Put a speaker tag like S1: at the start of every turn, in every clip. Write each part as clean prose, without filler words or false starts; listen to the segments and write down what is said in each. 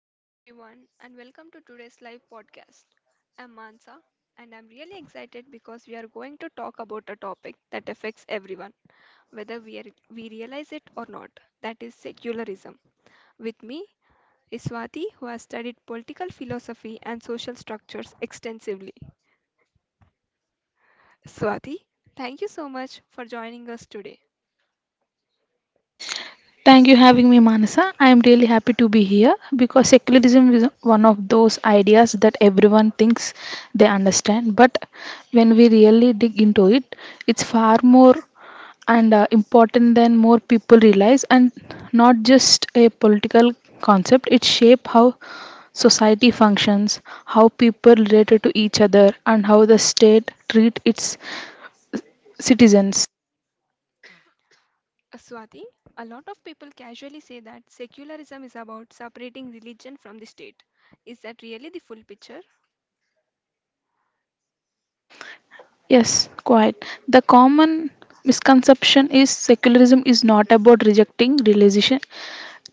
S1: Hello, everyone, and welcome to today's live podcast. I'm Mansa, and I'm really excited because we are going to talk about a topic that affects everyone, whether we realize it or not, that is, secularism. With me is Swati, who has studied political philosophy and social structures extensively. Swati, thank you so much for joining us today.
S2: Thank you having me, Manasa. I am really happy to be here because secularism is one of those ideas that everyone thinks they understand, but when we really dig into it, it's far more and important than more people realize, and not just a political concept. It shapes how society functions, how people relate to each other, and how the state treat its citizens.
S1: Swati, a lot of people casually say that secularism is about separating religion from the state. Is that really the full picture?
S2: Yes, quite. The common misconception is secularism is not about rejecting religion,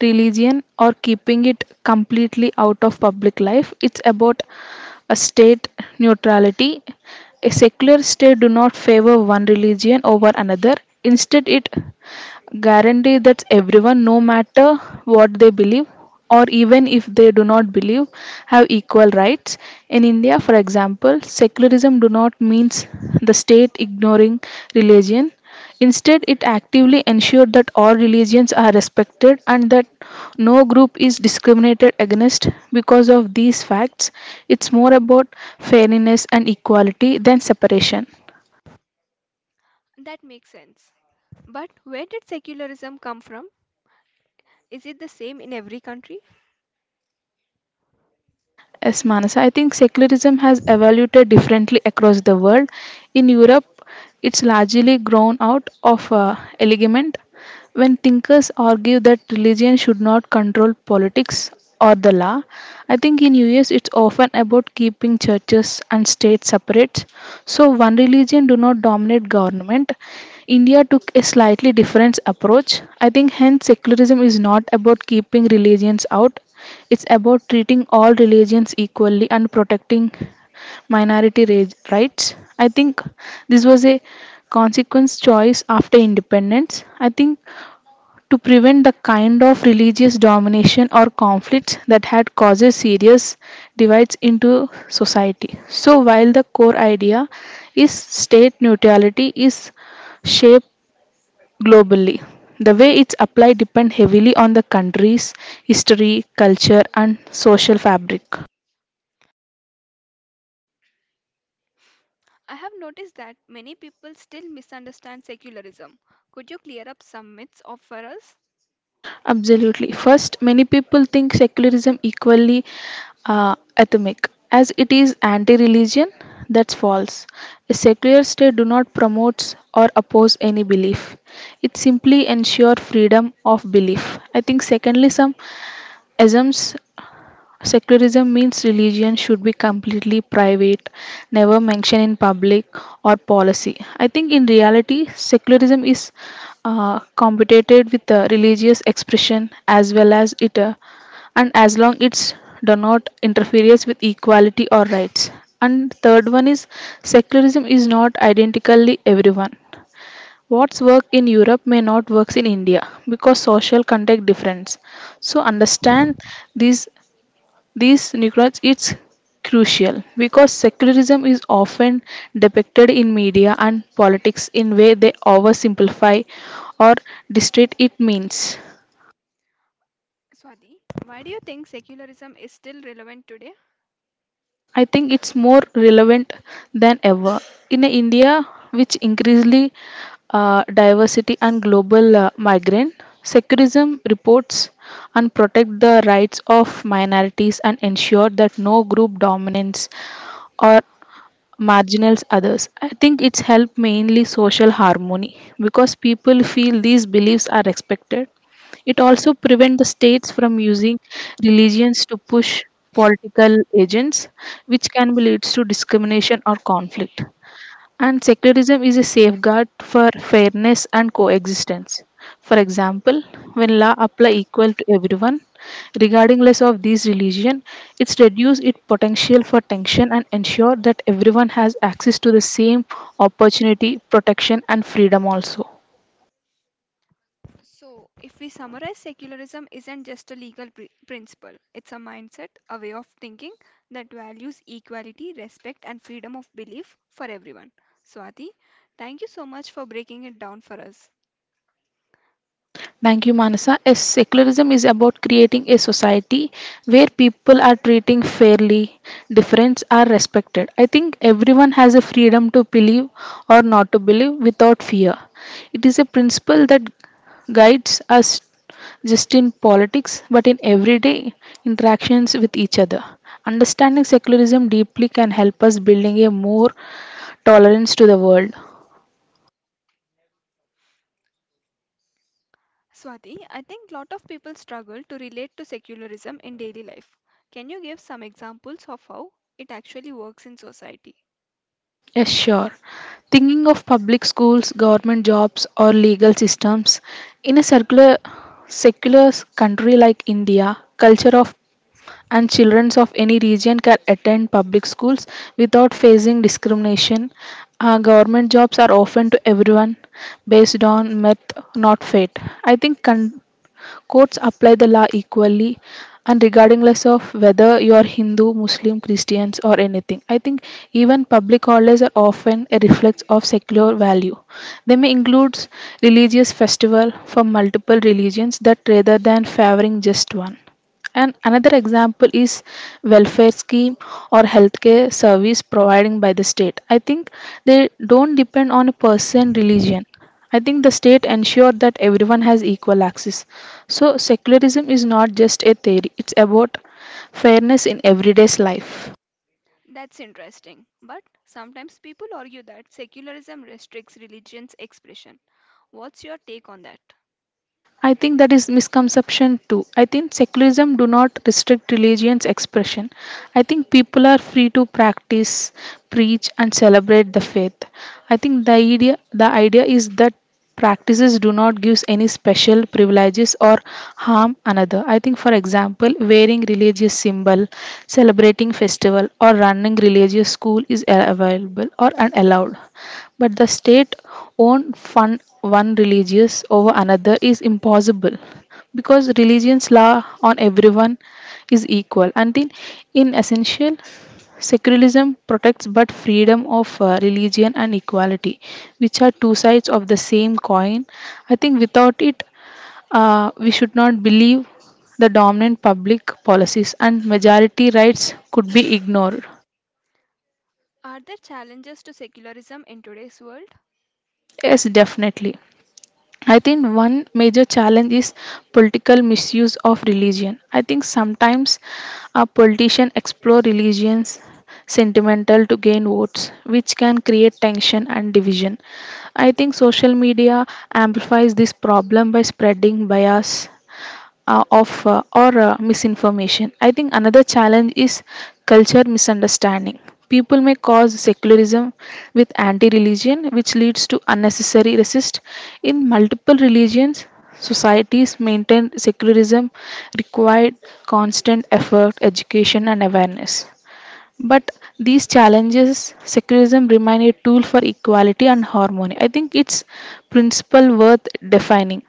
S2: religion or keeping it completely out of public life. It's about a state neutrality. A secular state do not favor one religion over another. Instead, it guarantees that everyone, no matter what they believe or even if they do not believe, have equal rights. In India, for example, secularism do not means the state ignoring religion. Instead, it actively ensured that all religions are respected and that no group is discriminated against because of these facts. It's more about fairness and equality than separation.
S1: That makes sense. But where did secularism come from? Is it the same in every country?
S2: Yes, Manasa, I think secularism has evolved differently across the world. In Europe, it's largely grown out of element when thinkers argue that religion should not control politics or the law. I think in US it's often about keeping churches and states separate, so one religion do not dominate government. India took a slightly different approach. I think hence secularism is not about keeping religions out. It's about treating all religions equally and protecting minority rights. I think this was a consequence choice after independence. I think to prevent the kind of religious domination or conflicts that had caused serious divides into society. So while the core idea is state neutrality is shaped globally. The way it's applied depends heavily on the country's history, culture, and social fabric.
S1: I have noticed that many people still misunderstand secularism. Could you clear up some myths of for us?
S2: Absolutely. First, many people think secularism equally atomic, as it is anti-religion. That's false. A secular state do not promotes or oppose any belief. It simply ensure freedom of belief. I think secondly, some assumes secularism means religion should be completely private, never mentioned in public or policy. I think in reality, secularism is competed with religious expression as well as it, and as long it's do not interferes with equality or rights. And third one is secularism is not identically everyone. What's work in Europe may not works in India because social context difference. So understand these these regards it's crucial because secularism is often depicted in media and politics in way they oversimplify or distort it means.
S1: Swati, why do you think secularism is still relevant today?
S2: I think it's more relevant than ever in a India which increasingly diversity and global migrant. Secularism reports and protect the rights of minorities and ensure that no group dominates or marginals others. I think it's helped mainly social harmony because people feel these beliefs are respected. It also prevents the states from using religions to push political agents, which can lead to discrimination or conflict. And secularism is a safeguard for fairness and coexistence. For example, when law apply equal to everyone, regarding less of these religion, it's reduce its potential for tension and ensure that everyone has access to the same opportunity, protection and freedom also.
S1: So, if we summarize, secularism isn't just a legal principle, it's a mindset, a way of thinking that values equality, respect, and freedom of belief for everyone. Swati, thank you so much for breaking it down for us.
S2: Thank you, Manasa. Yes, secularism is about creating a society where people are treating fairly, difference are respected. I think everyone has a freedom to believe or not to believe without fear. It is a principle that guides us just in politics but in everyday interactions with each other. Understanding secularism deeply can help us building a more tolerance to the world.
S1: Swati, I think lot of people struggle to relate to secularism in daily life. Can you give some examples of how it actually works in society?
S2: Yes, sure. Thinking of public schools, government jobs, or legal systems in a circular, secular country like India, culture of and children of any region can attend public schools without facing discrimination. Government jobs are often to everyone based on merit, not fate. I think courts apply the law equally and regardless of whether you are Hindu, Muslim, Christians or anything. I think even public holidays are often a reflex of secular value. They may include religious festival for multiple religions that rather than favoring just one. And another example is welfare scheme or healthcare service providing by the state. I think they don't depend on person religion. I think the state ensure that everyone has equal access. So secularism is not just a theory; it's about fairness in everyday's life.
S1: That's interesting. But sometimes people argue that secularism restricts religion's expression. What's your take on that?
S2: I think that is misconception too. I think secularism do not restrict religion's expression. I think people are free to practice, preach and celebrate the faith. I think the idea is that practices do not give any special privileges or harm another. I think for example wearing religious symbol, celebrating festival or running religious school is available or unallowed. But the state own fund one religious over another is impossible because religion's law on everyone is equal. Until in essential, secularism protects but freedom of religion and equality, which are two sides of the same coin. I think without it, we should not believe the dominant public policies and majority rights could be ignored.
S1: Are there challenges to secularism in today's world?
S2: Yes, definitely. I think one major challenge is political misuse of religion. I think sometimes a politician explore religions sentimental to gain votes, which can create tension and division. I think social media amplifies this problem by spreading bias of or misinformation. I think another challenge is culture misunderstanding. People may cause secularism with anti-religion, which leads to unnecessary resist. In multiple religions, societies maintain secularism required constant effort, education, and awareness. But these challenges, secularism remain a tool for equality and harmony. I think its principle worth defining.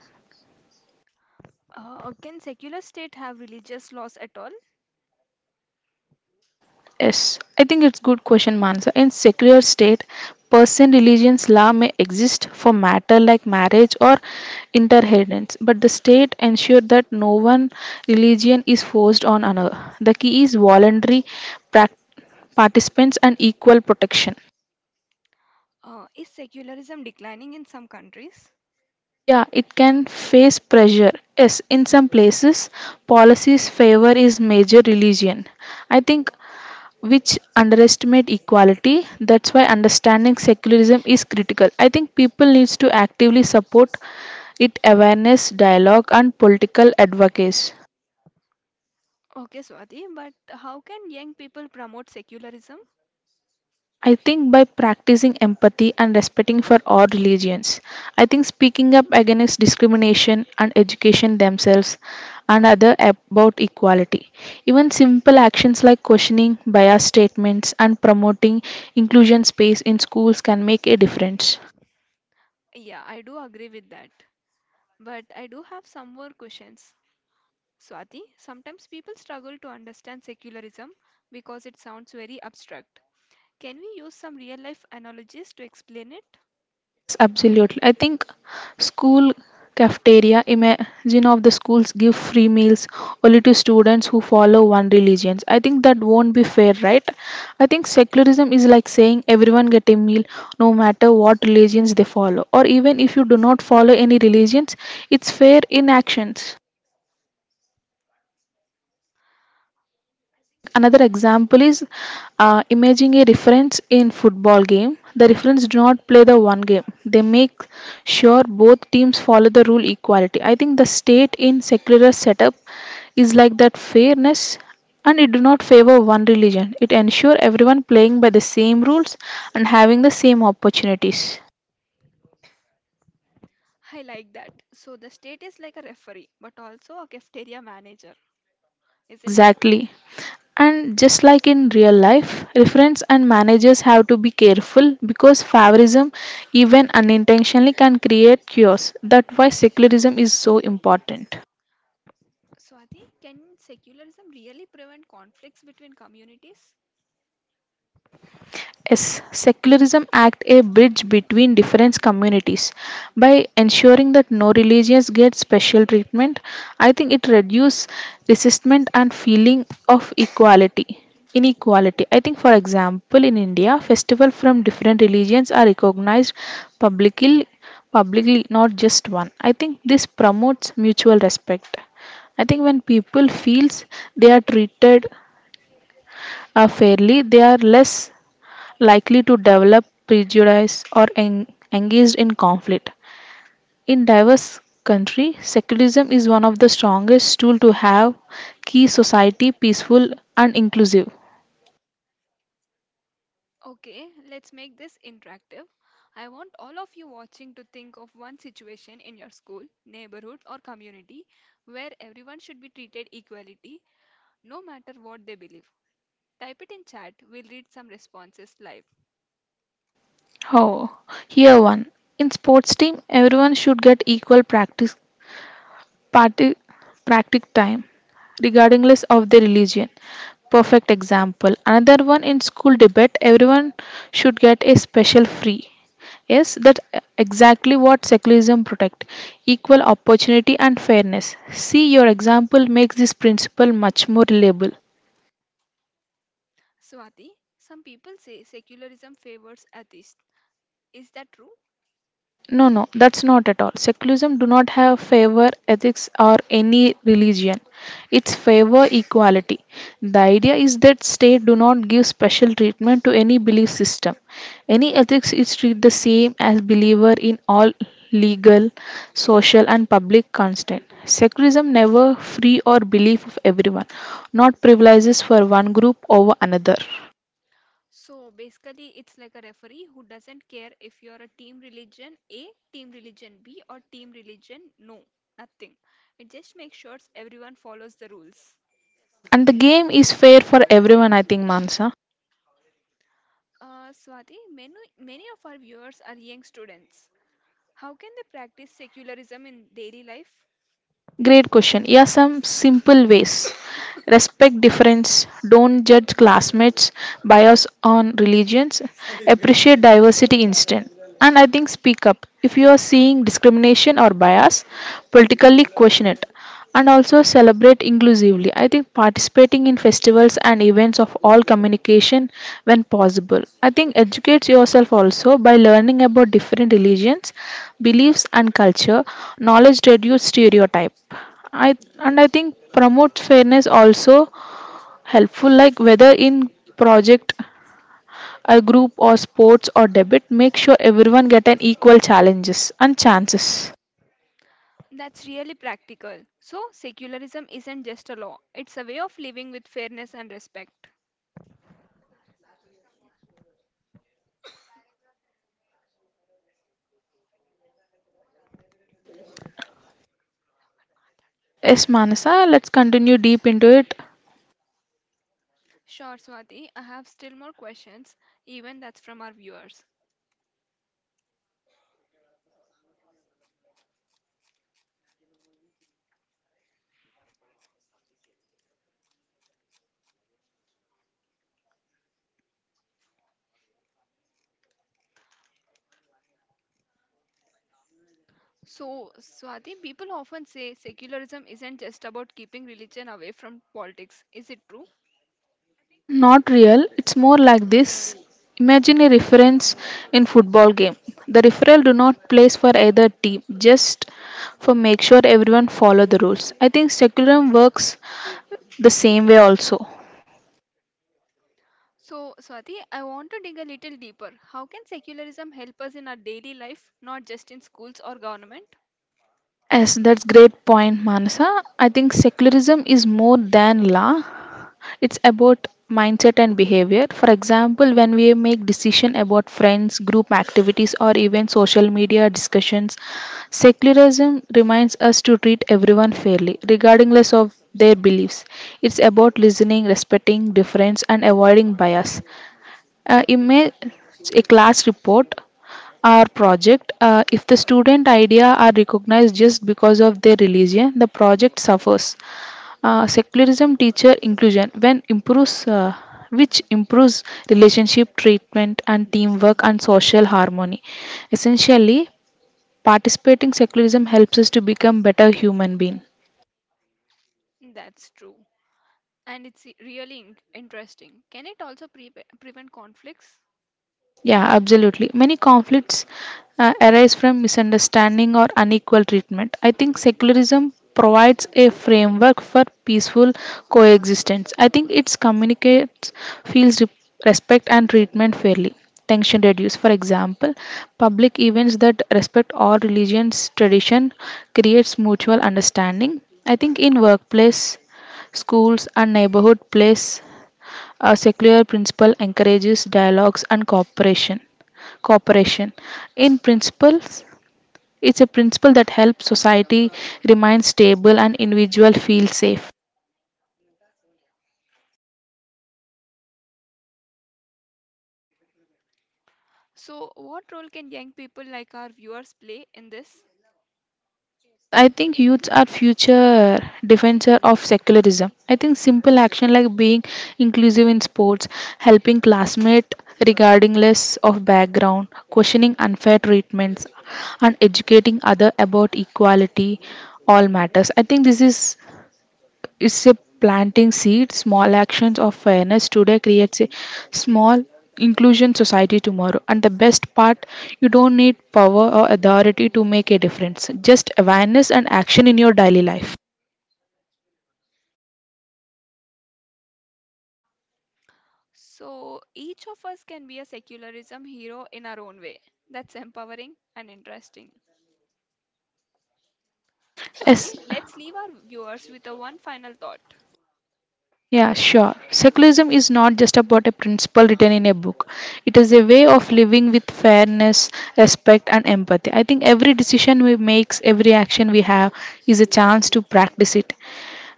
S1: Can secular state have religious laws at all?
S2: Yes, I think it's good question, Mansa. In secular state, person religions law may exist for matter like marriage or interheritance, but the state ensure that no one religion is forced on another. The key is voluntary prac- participants and equal protection.
S1: Is secularism declining in some countries?
S2: Yeah, it can face pressure. Yes, in some places, policies favor is major religion. I think which underestimate equality, that's why understanding secularism is critical. I think people needs to actively support it, awareness, dialogue and political advocacy.
S1: Okay, Swati, but how can young people promote secularism?
S2: I think by practicing empathy and respecting for all religions. I think speaking up against discrimination and education themselves and other about equality. Even simple actions like questioning bias statements and promoting inclusion space in schools can make a difference.
S1: Yeah, I do agree with that. But I do have some more questions. Swati, sometimes people struggle to understand secularism because it sounds very abstract. Can we use some real life analogies to explain it?
S2: Yes, absolutely. I think school cafeteria, imagine of the schools give free meals only to students who follow one religion. I think that won't be fair, right? I think secularism is like saying everyone get a meal no matter what religions they follow, or even if you do not follow any religions, it's fair in actions. Think another example is imaging a reference in football game. The reference do not play the one game. They make sure both teams follow the rule equality. I think the state in secular setup is like that fairness, and it do not favor one religion. It ensure everyone playing by the same rules and having the same opportunities.
S1: I like that. So the state is like a referee, but also a cafeteria manager, isn't it?
S2: Exactly. And just like in real life, reference and managers have to be careful because favorism, even unintentionally, can create chaos. That's why secularism is so important.
S1: Swati, can secularism really prevent conflicts between communities?
S2: Yes, secularism acts a bridge between different communities by ensuring that no religions get special treatment. I think it reduces resistment and feeling of equality. Inequality. I think, for example, in India, festivals from different religions are recognized publicly, publicly, not just one. I think this promotes mutual respect. I think when people feels they are treated fairly, they are less likely to develop prejudice or engaged in conflict. In diverse country, secularism is one of the strongest tool to have key society peaceful and inclusive.
S1: Okay, let's make this interactive. I want all of you watching to think of one situation in your school, neighborhood, or community where everyone should be treated equality, no matter what they believe. Type it in chat, we'll read some responses live.
S2: Oh, here one. In sports team, everyone should get equal party, practice time regardless of their religion. Perfect example. Another one in school debate, everyone should get a special free. Yes, that's exactly what secularism protect, equal opportunity and fairness. See, your example makes this principle much more reliable.
S1: Swati, some people say secularism favors atheists. Is that true?
S2: No, no, that's not at all. Secularism do not have favor ethics or any religion. It's favor equality. The idea is that state do not give special treatment to any belief system. Any ethics is treated the same as believer in all legal, social and public constant. Secularism never free or belief of everyone, not privileges for one group over another.
S1: So basically, it's like a referee who doesn't care if you're a team religion A, team religion B, or team religion no, nothing. It just makes sure everyone follows the rules.
S2: Yes, and the game is fair for everyone, I think, Mansa.
S1: Swati, many of our viewers are young students. How can they practice secularism in daily life?
S2: Great question. Yeah, some simple ways. Respect difference. Don't judge classmates' bias on religions. Appreciate diversity instead. And I think speak up. If you are seeing discrimination or bias, politically question it. And also celebrate inclusively. I think participating in festivals and events of all communication when possible. I think educate yourself also by learning about different religions, beliefs and culture. Knowledge reduce stereotype. I And I think promote fairness also helpful, like whether in project, a group or sports or debate, make sure everyone get an equal challenges and chances.
S1: That's really practical. So, secularism isn't just a law, it's a way of living with fairness and respect.
S2: Yes, Manasa, let's continue deep into it.
S1: Sure, Swati, I have still more questions, even that's from our viewers. So, Swati, people often say secularism isn't just about keeping religion away from politics. Is it true?
S2: Think not real, it's more like this. Imagine a reference in football game. The referral do not place for either team, just for make sure everyone follow the rules. I think secularism works the same way also.
S1: So, Swati, I want to dig a little deeper. How can secularism help us in our daily life, not just in schools or government?
S2: Yes, that's great point, Manasa. I think secularism is more than law. It's about mindset and behavior. For example, when we make decision about friends, group activities or even social media discussions, secularism reminds us to treat everyone fairly regardless of their beliefs. It's about listening, respecting difference and avoiding bias. Image a class report or project. If the student idea are recognized just because of their religion, the project suffers. Secularism teacher inclusion when improves which improves relationship, treatment and teamwork and social harmony. Essentially, participating secularism helps us to become better human being.
S1: That's true. And it's really interesting. Can it also prevent conflicts?
S2: Yeah, absolutely. Many conflicts arise from misunderstanding or unequal treatment. I think secularism provides a framework for peaceful coexistence. I think it communicates feels re- respect and treatment fairly. Tension reduce. For example, public events that respect all religions tradition creates mutual understanding. I think in workplace, schools and neighborhood plays, a secular principle encourages dialogues and cooperation. In principles, it's a principle that helps society remain stable and individual feel safe.
S1: So, what role can young people like our viewers play in this?
S2: Yes, I think youths are future defender of secularism. I think simple action like being inclusive in sports, helping classmates regardless of background, questioning unfair treatments, and educating other about equality all matters. I think this is it's a planting seeds. Small actions of fairness today creates a small inclusion society tomorrow. And the best part, you don't need power or authority to make a difference, just awareness and action in your daily life.
S1: So, each of us can be a secularism hero in our own way. That's empowering and interesting. Swati,
S2: Yes.
S1: let's leave our viewers with a one final thought.
S2: Yeah, sure. Secularism is not just about a principle written in a book. It is a way of living with fairness, respect, and empathy. I think every decision we make, every action we have, is a chance to practice it.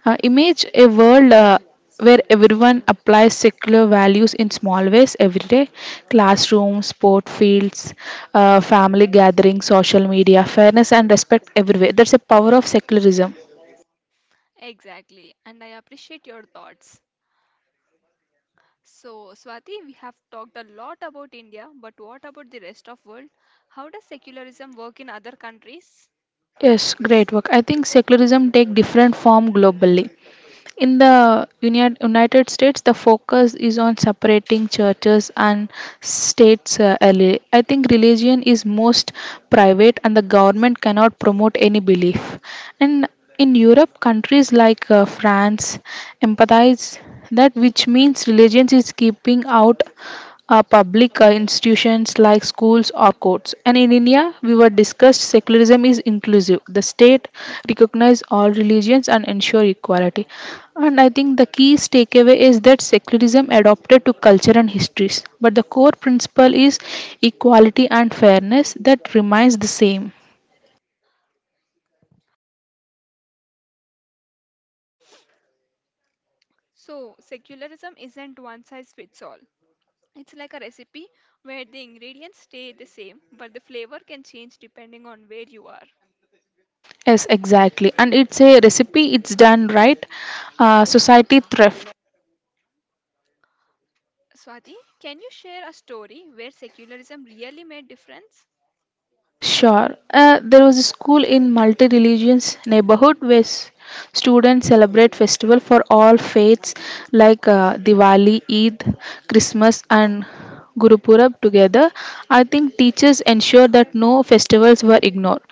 S2: Image a world where everyone applies secular values in small ways every day: classrooms, sport fields, family gatherings, social media, fairness, and respect everywhere. That's the power of secularism.
S1: Exactly, and I appreciate your thoughts. So, Swati, we have talked a lot about India, but what about the rest of world? How does secularism work in other countries?
S2: Yes, great work. I think secularism take different form globally. In the United States, the focus is on separating churches and states. Early. I think religion is most private, and the government cannot promote any belief. And in Europe, countries like France empathize that, which means religion is keeping out are public institutions like schools or courts. And in India, we were discussed secularism is inclusive. The state recognize all religions and ensure equality. And I think the key takeaway is that secularism adopted to culture and histories, but the core principle is equality and fairness that remains the same.
S1: So, secularism isn't one size fits all. It's like a recipe where the ingredients stay the same, but the flavor can change depending on where you are.
S2: Yes, exactly. And it's a recipe, it's done right. Society thrives.
S1: Swati, can you share a story where secularism really made difference?
S2: Yeah, sure. There was a school in multi-religious neighborhood where students celebrate festival for all faiths like Diwali, Eid, Christmas, and Guru Purab together. I think teachers ensure that no festivals were ignored.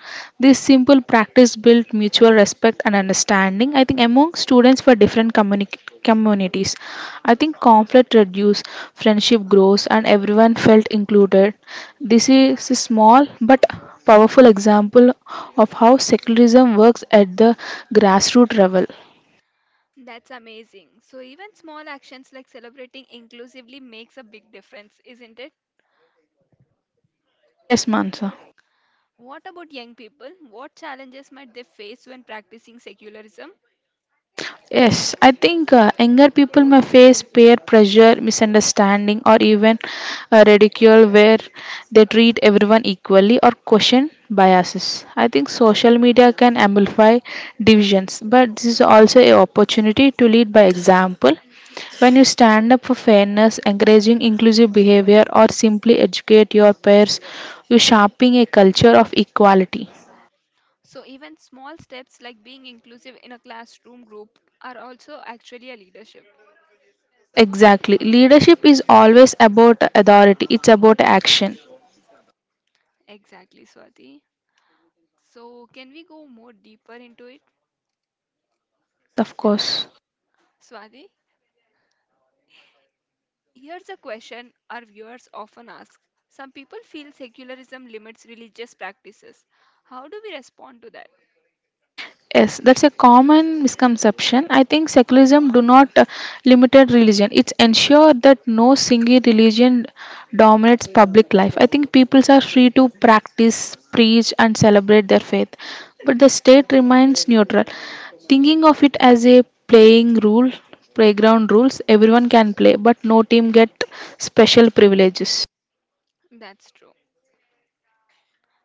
S2: This simple practice built mutual respect and understanding, I think, among students for different communities. I think conflict reduced, friendship grows, and everyone felt included. This is a small but powerful example of how secularism works at the grassroots level.
S1: That's amazing. So even small actions like celebrating inclusively makes a big difference, isn't it?
S2: Yes, Mansa.
S1: What about young people? What challenges might they face when practicing secularism?
S2: Yes, I think younger people may face peer pressure, misunderstanding, or even ridicule where they treat everyone equally or question biases. I think social media can amplify divisions, but this is also an opportunity to lead by example. When you stand up for fairness, encouraging inclusive behavior, or simply educate your peers, you're shaping a culture of equality.
S1: So even small steps like being inclusive in a classroom group are also actually a leadership.
S2: Yes, exactly. Leadership is always about authority, it's about action.
S1: Exactly, Swati. So can we go more deeper into it?
S2: Yes, of course.
S1: Swati, here's a question our viewers often ask. Some people feel secularism limits religious practices. How do we respond to that?
S2: Yes, that's a common misconception. I think secularism do not limited religion. It's ensure that no single religion dominates public life. I think people are free to practice, preach, and celebrate their faith, but the state remains neutral. Thinking of it as a playing rule, playground rules. Everyone can play, but no team get special privileges.
S1: That's true.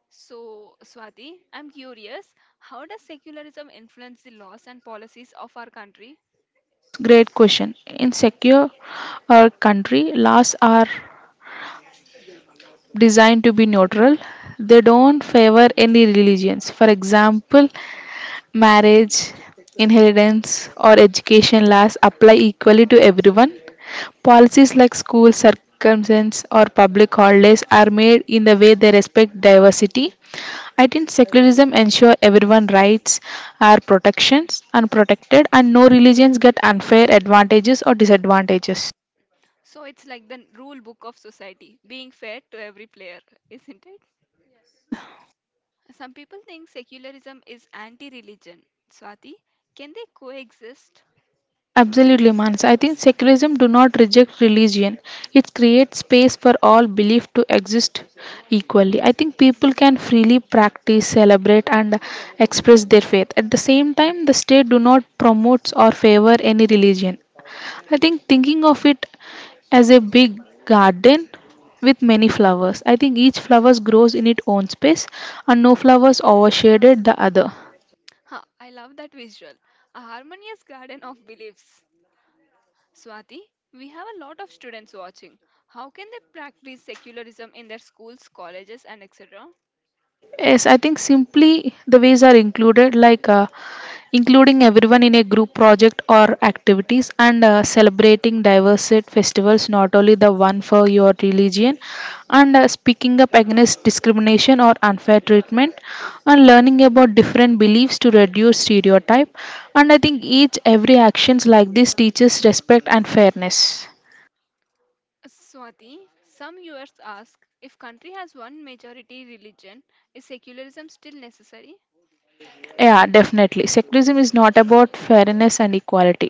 S1: So, Swati, I'm curious, how does secularism influence the laws and policies of our country?
S2: Yes, great question. In secure our country, laws are designed to be neutral. They don't favor any religions. For example, marriage, inheritance, or education laws apply equally to everyone. Policies like school circumstances or public holidays are made in the way they respect diversity. I think secularism ensures everyone rights are protections and protected and no religions get unfair advantages or disadvantages.
S1: So, it's like the rule book of society, being fair to every player, isn't it? Some people think secularism is anti religion. Swati, can they coexist?
S2: Absolutely, Manas. I think secularism do not reject religion. It creates space for all belief to exist equally. I think people can freely practice, celebrate, and express their faith. At the same time, the state do not promotes or favor any religion. I think thinking of it as a big garden with many flowers. I think each flowers grows in its own space, and no flowers overshadowed the other.
S1: Huh? I love that visual. A harmonious garden of beliefs. Swati, we have a lot of students watching. How can they practice secularism in their schools, colleges, and etc.?
S2: Yes, I think simply the ways are included like including everyone in a group project or activities, and celebrating diverse festivals, not only the one for your religion, and speaking up against discrimination or unfair treatment, and learning about different beliefs to reduce stereotype. And I think each every actions like this teaches respect and fairness.
S1: Swati, some viewers ask if country has one majority religion, is secularism still necessary?
S2: Yeah, definitely. Secularism is not about fairness and equality,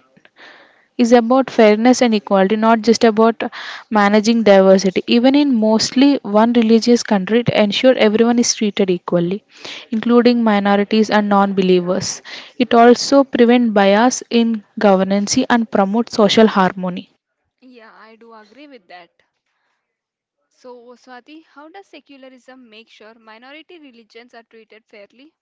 S2: is about fairness and equality, not just about managing diversity. Even in mostly one religious country, it ensures everyone is treated equally, including minorities and non believers. It also prevents bias in governance and promotes social harmony.
S1: Yeah, I do agree with that. So, Swati, how does secularism make sure minority religions are treated fairly?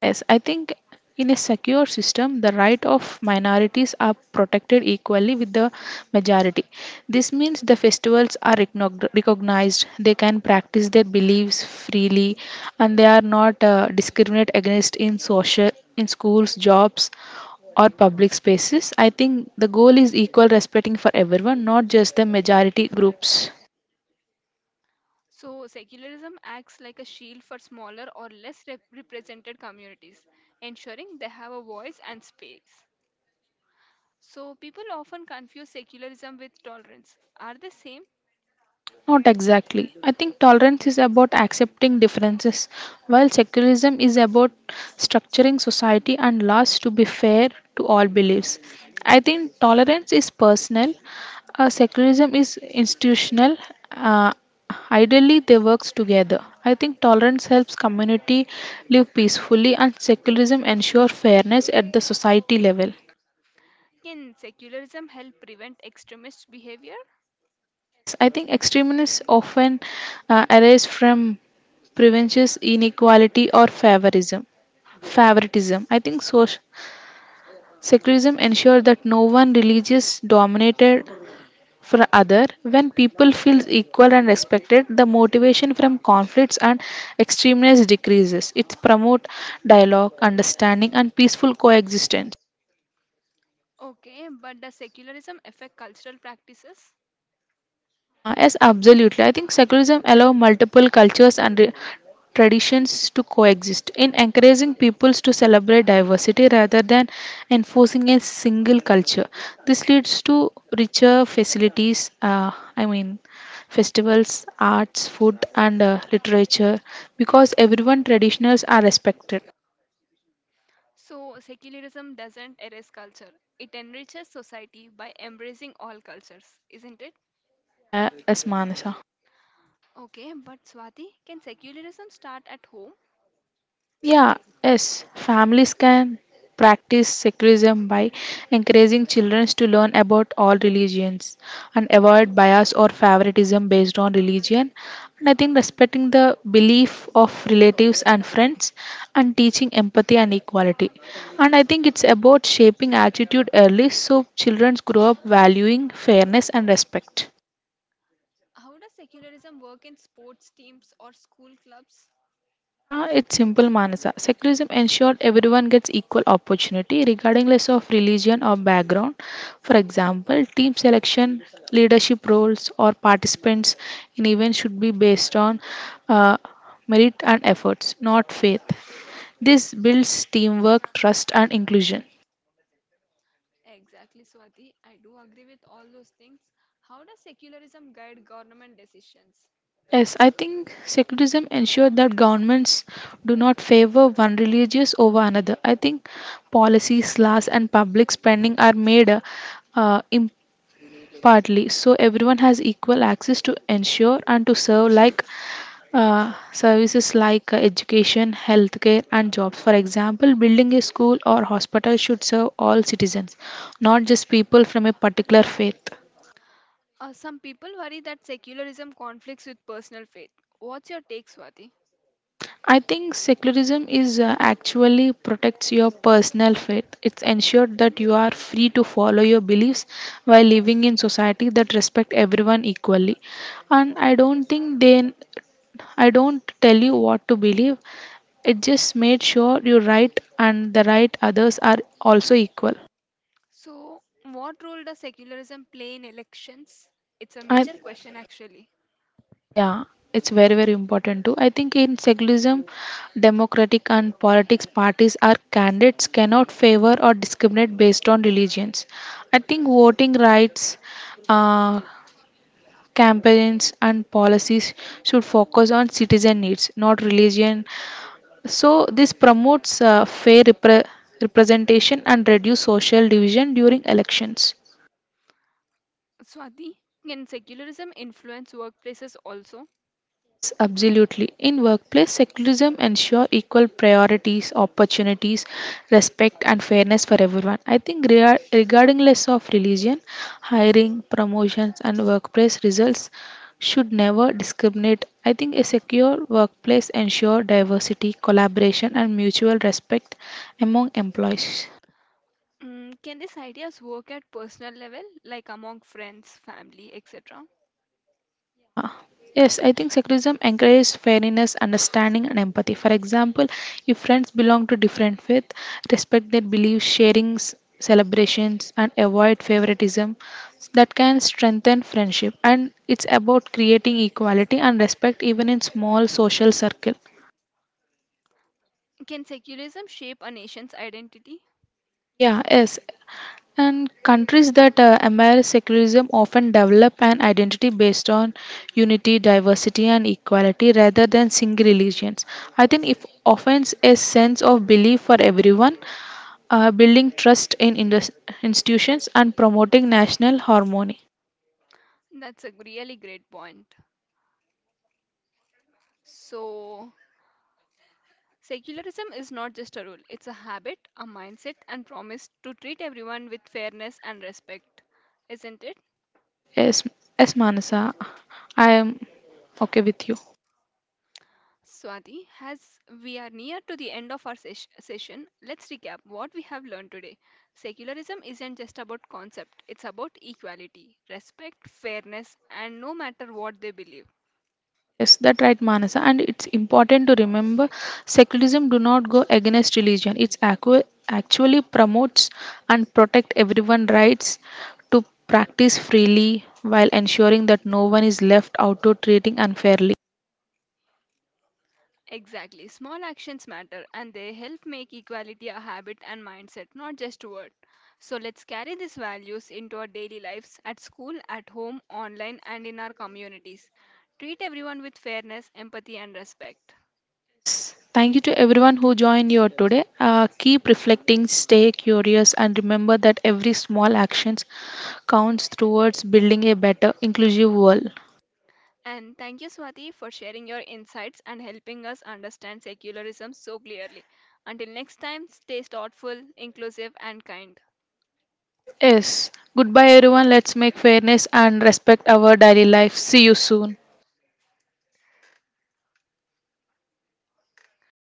S2: Yes, I think in a secure system, the right of minorities are protected equally with the majority. This means the festivals are recognized, they can practice their beliefs freely, and they are not discriminated against in social, in schools, jobs, or public spaces. I think the goal is equal respecting for everyone, not just the majority groups.
S1: So, secularism acts like a shield for smaller or less represented communities, ensuring they have a voice and space. So, people often confuse secularism with tolerance. Are they same?
S2: Not exactly. I think tolerance is about accepting differences, while secularism is about structuring society and laws to be fair to all beliefs. I think tolerance is personal, secularism is institutional. Uh, ideally, they work together. I think tolerance helps community live peacefully, and secularism ensures fairness at the society level.
S1: Can secularism help prevent extremist behavior?
S2: Yes, I think extremists often arise from previous inequality or favorism. Favoritism. I think social secularism ensures that no one religious dominated for other. When people feel equal and respected, the motivation from conflicts and extremeness decreases. It promotes dialogue, understanding, and peaceful coexistence.
S1: Okay, but does secularism affect cultural practices?
S2: Yes, absolutely. I think secularism allows multiple cultures and traditions to coexist in encouraging peoples to celebrate diversity rather than enforcing a single culture. This leads to richer festivals, arts, food, and literature because everyone traditionals are respected.
S1: So, secularism doesn't erase culture, it enriches society by embracing all cultures, isn't it?
S2: Yeah, as Manasa.
S1: Okay, but Swati, can secularism start at home?
S2: Yeah, yes, families can practice secularism by encouraging children to learn about all religions and avoid bias or favoritism based on religion. And I think respecting the belief of relatives and friends and teaching empathy and equality. And I think it's about shaping attitude early so children grow up valuing fairness and respect.
S1: How does secularism work in sports teams or school clubs?
S2: Ah, it's simple, Manasa. Secularism ensured everyone gets equal opportunity, regardless of religion or background. For example, team selection, leadership roles, or participants in events should be based on uh, merit and efforts, not faith. This builds teamwork, trust, and inclusion.
S1: Exactly, Swati. I do agree with all those things. How does secularism guide government decisions?
S2: Yes, I think secularism ensures that governments do not favor one religious over another. I think policies, laws, and public spending are made uh, impartially, so everyone has equal access to ensure and to serve like services like education, healthcare, and jobs. For example, building a school or hospital should serve all citizens, not just people from a particular faith.
S1: Some people worry that secularism conflicts with personal faith. What's your take, Swati?
S2: I think secularism is actually protects your personal faith. It's ensured that you are free to follow your beliefs while living in society that respect everyone equally. And I don't think they I don't tell you what to believe. It just made sure you're right and the right others are also equal.
S1: So, what role does secularism play in elections? It's a
S2: I.
S1: major question, actually.
S2: Yeah, it's very, very important too. I think in secularism, democratic and politics parties are candidates cannot favor or discriminate based on religions. I think voting rights, uh, campaigns and policies should focus on citizen needs, not religion. So this promotes fair representation and reduce social division during elections.
S1: Swati, can secularism influence workplaces also?
S2: Yes, absolutely. In workplace, secularism ensure equal priorities, opportunities, respect, and fairness for everyone. I think regarding less of religion, hiring, promotions, and workplace results should never discriminate. I think a secure workplace ensure diversity, collaboration, and mutual respect among employees.
S1: Mm, can these ideas work at personal level, like among friends, family, etc.?
S2: Yeah. Yes, I think secularism encourages fairness, understanding, and empathy. For example, if friends belong to different faith, respect their beliefs, sharing celebrations, and avoid favoritism, that can strengthen friendship. And it's about creating equality and respect even in small social circle.
S1: Can secularism shape a nation's identity?
S2: Yeah, yes, and countries that embrace secularism often develop an identity based on unity, diversity, and equality rather than single religions. I think it offers a sense of belief for everyone, building trust in institutions, and promoting national harmony.
S1: That's a really great point. So, secularism is not just a rule, it's a habit, a mindset, and promise to treat everyone with fairness and respect, isn't it?
S2: Yes, yes, Manasa, I am okay with you.
S1: Swati, as we are near to the end of our session, let's recap what we have learned today. Secularism isn't just about concept, it's about equality, respect, fairness, and no matter what they believe.
S2: Yes, that right, Manasa. And it's important to remember secularism do not go against religion. It's actually promotes and protect everyone rights to practice freely while ensuring that no one is left out or treating unfairly.
S1: Exactly, small actions matter and they help make equality a habit and mindset, not just a word. So let's carry these values into our daily lives at school, at home, online, and in our communities. Treat everyone with fairness, empathy, and respect.
S2: Yes, thank you to everyone who joined you today. Keep reflecting, stay curious, and remember that every small actions counts towards building a better, inclusive world.
S1: And thank you, Swati, for sharing your insights and helping us understand secularism so clearly. Until next time, stay thoughtful, inclusive, and kind.
S2: Yes. Goodbye, everyone. Let's make fairness and respect our daily life. See you soon.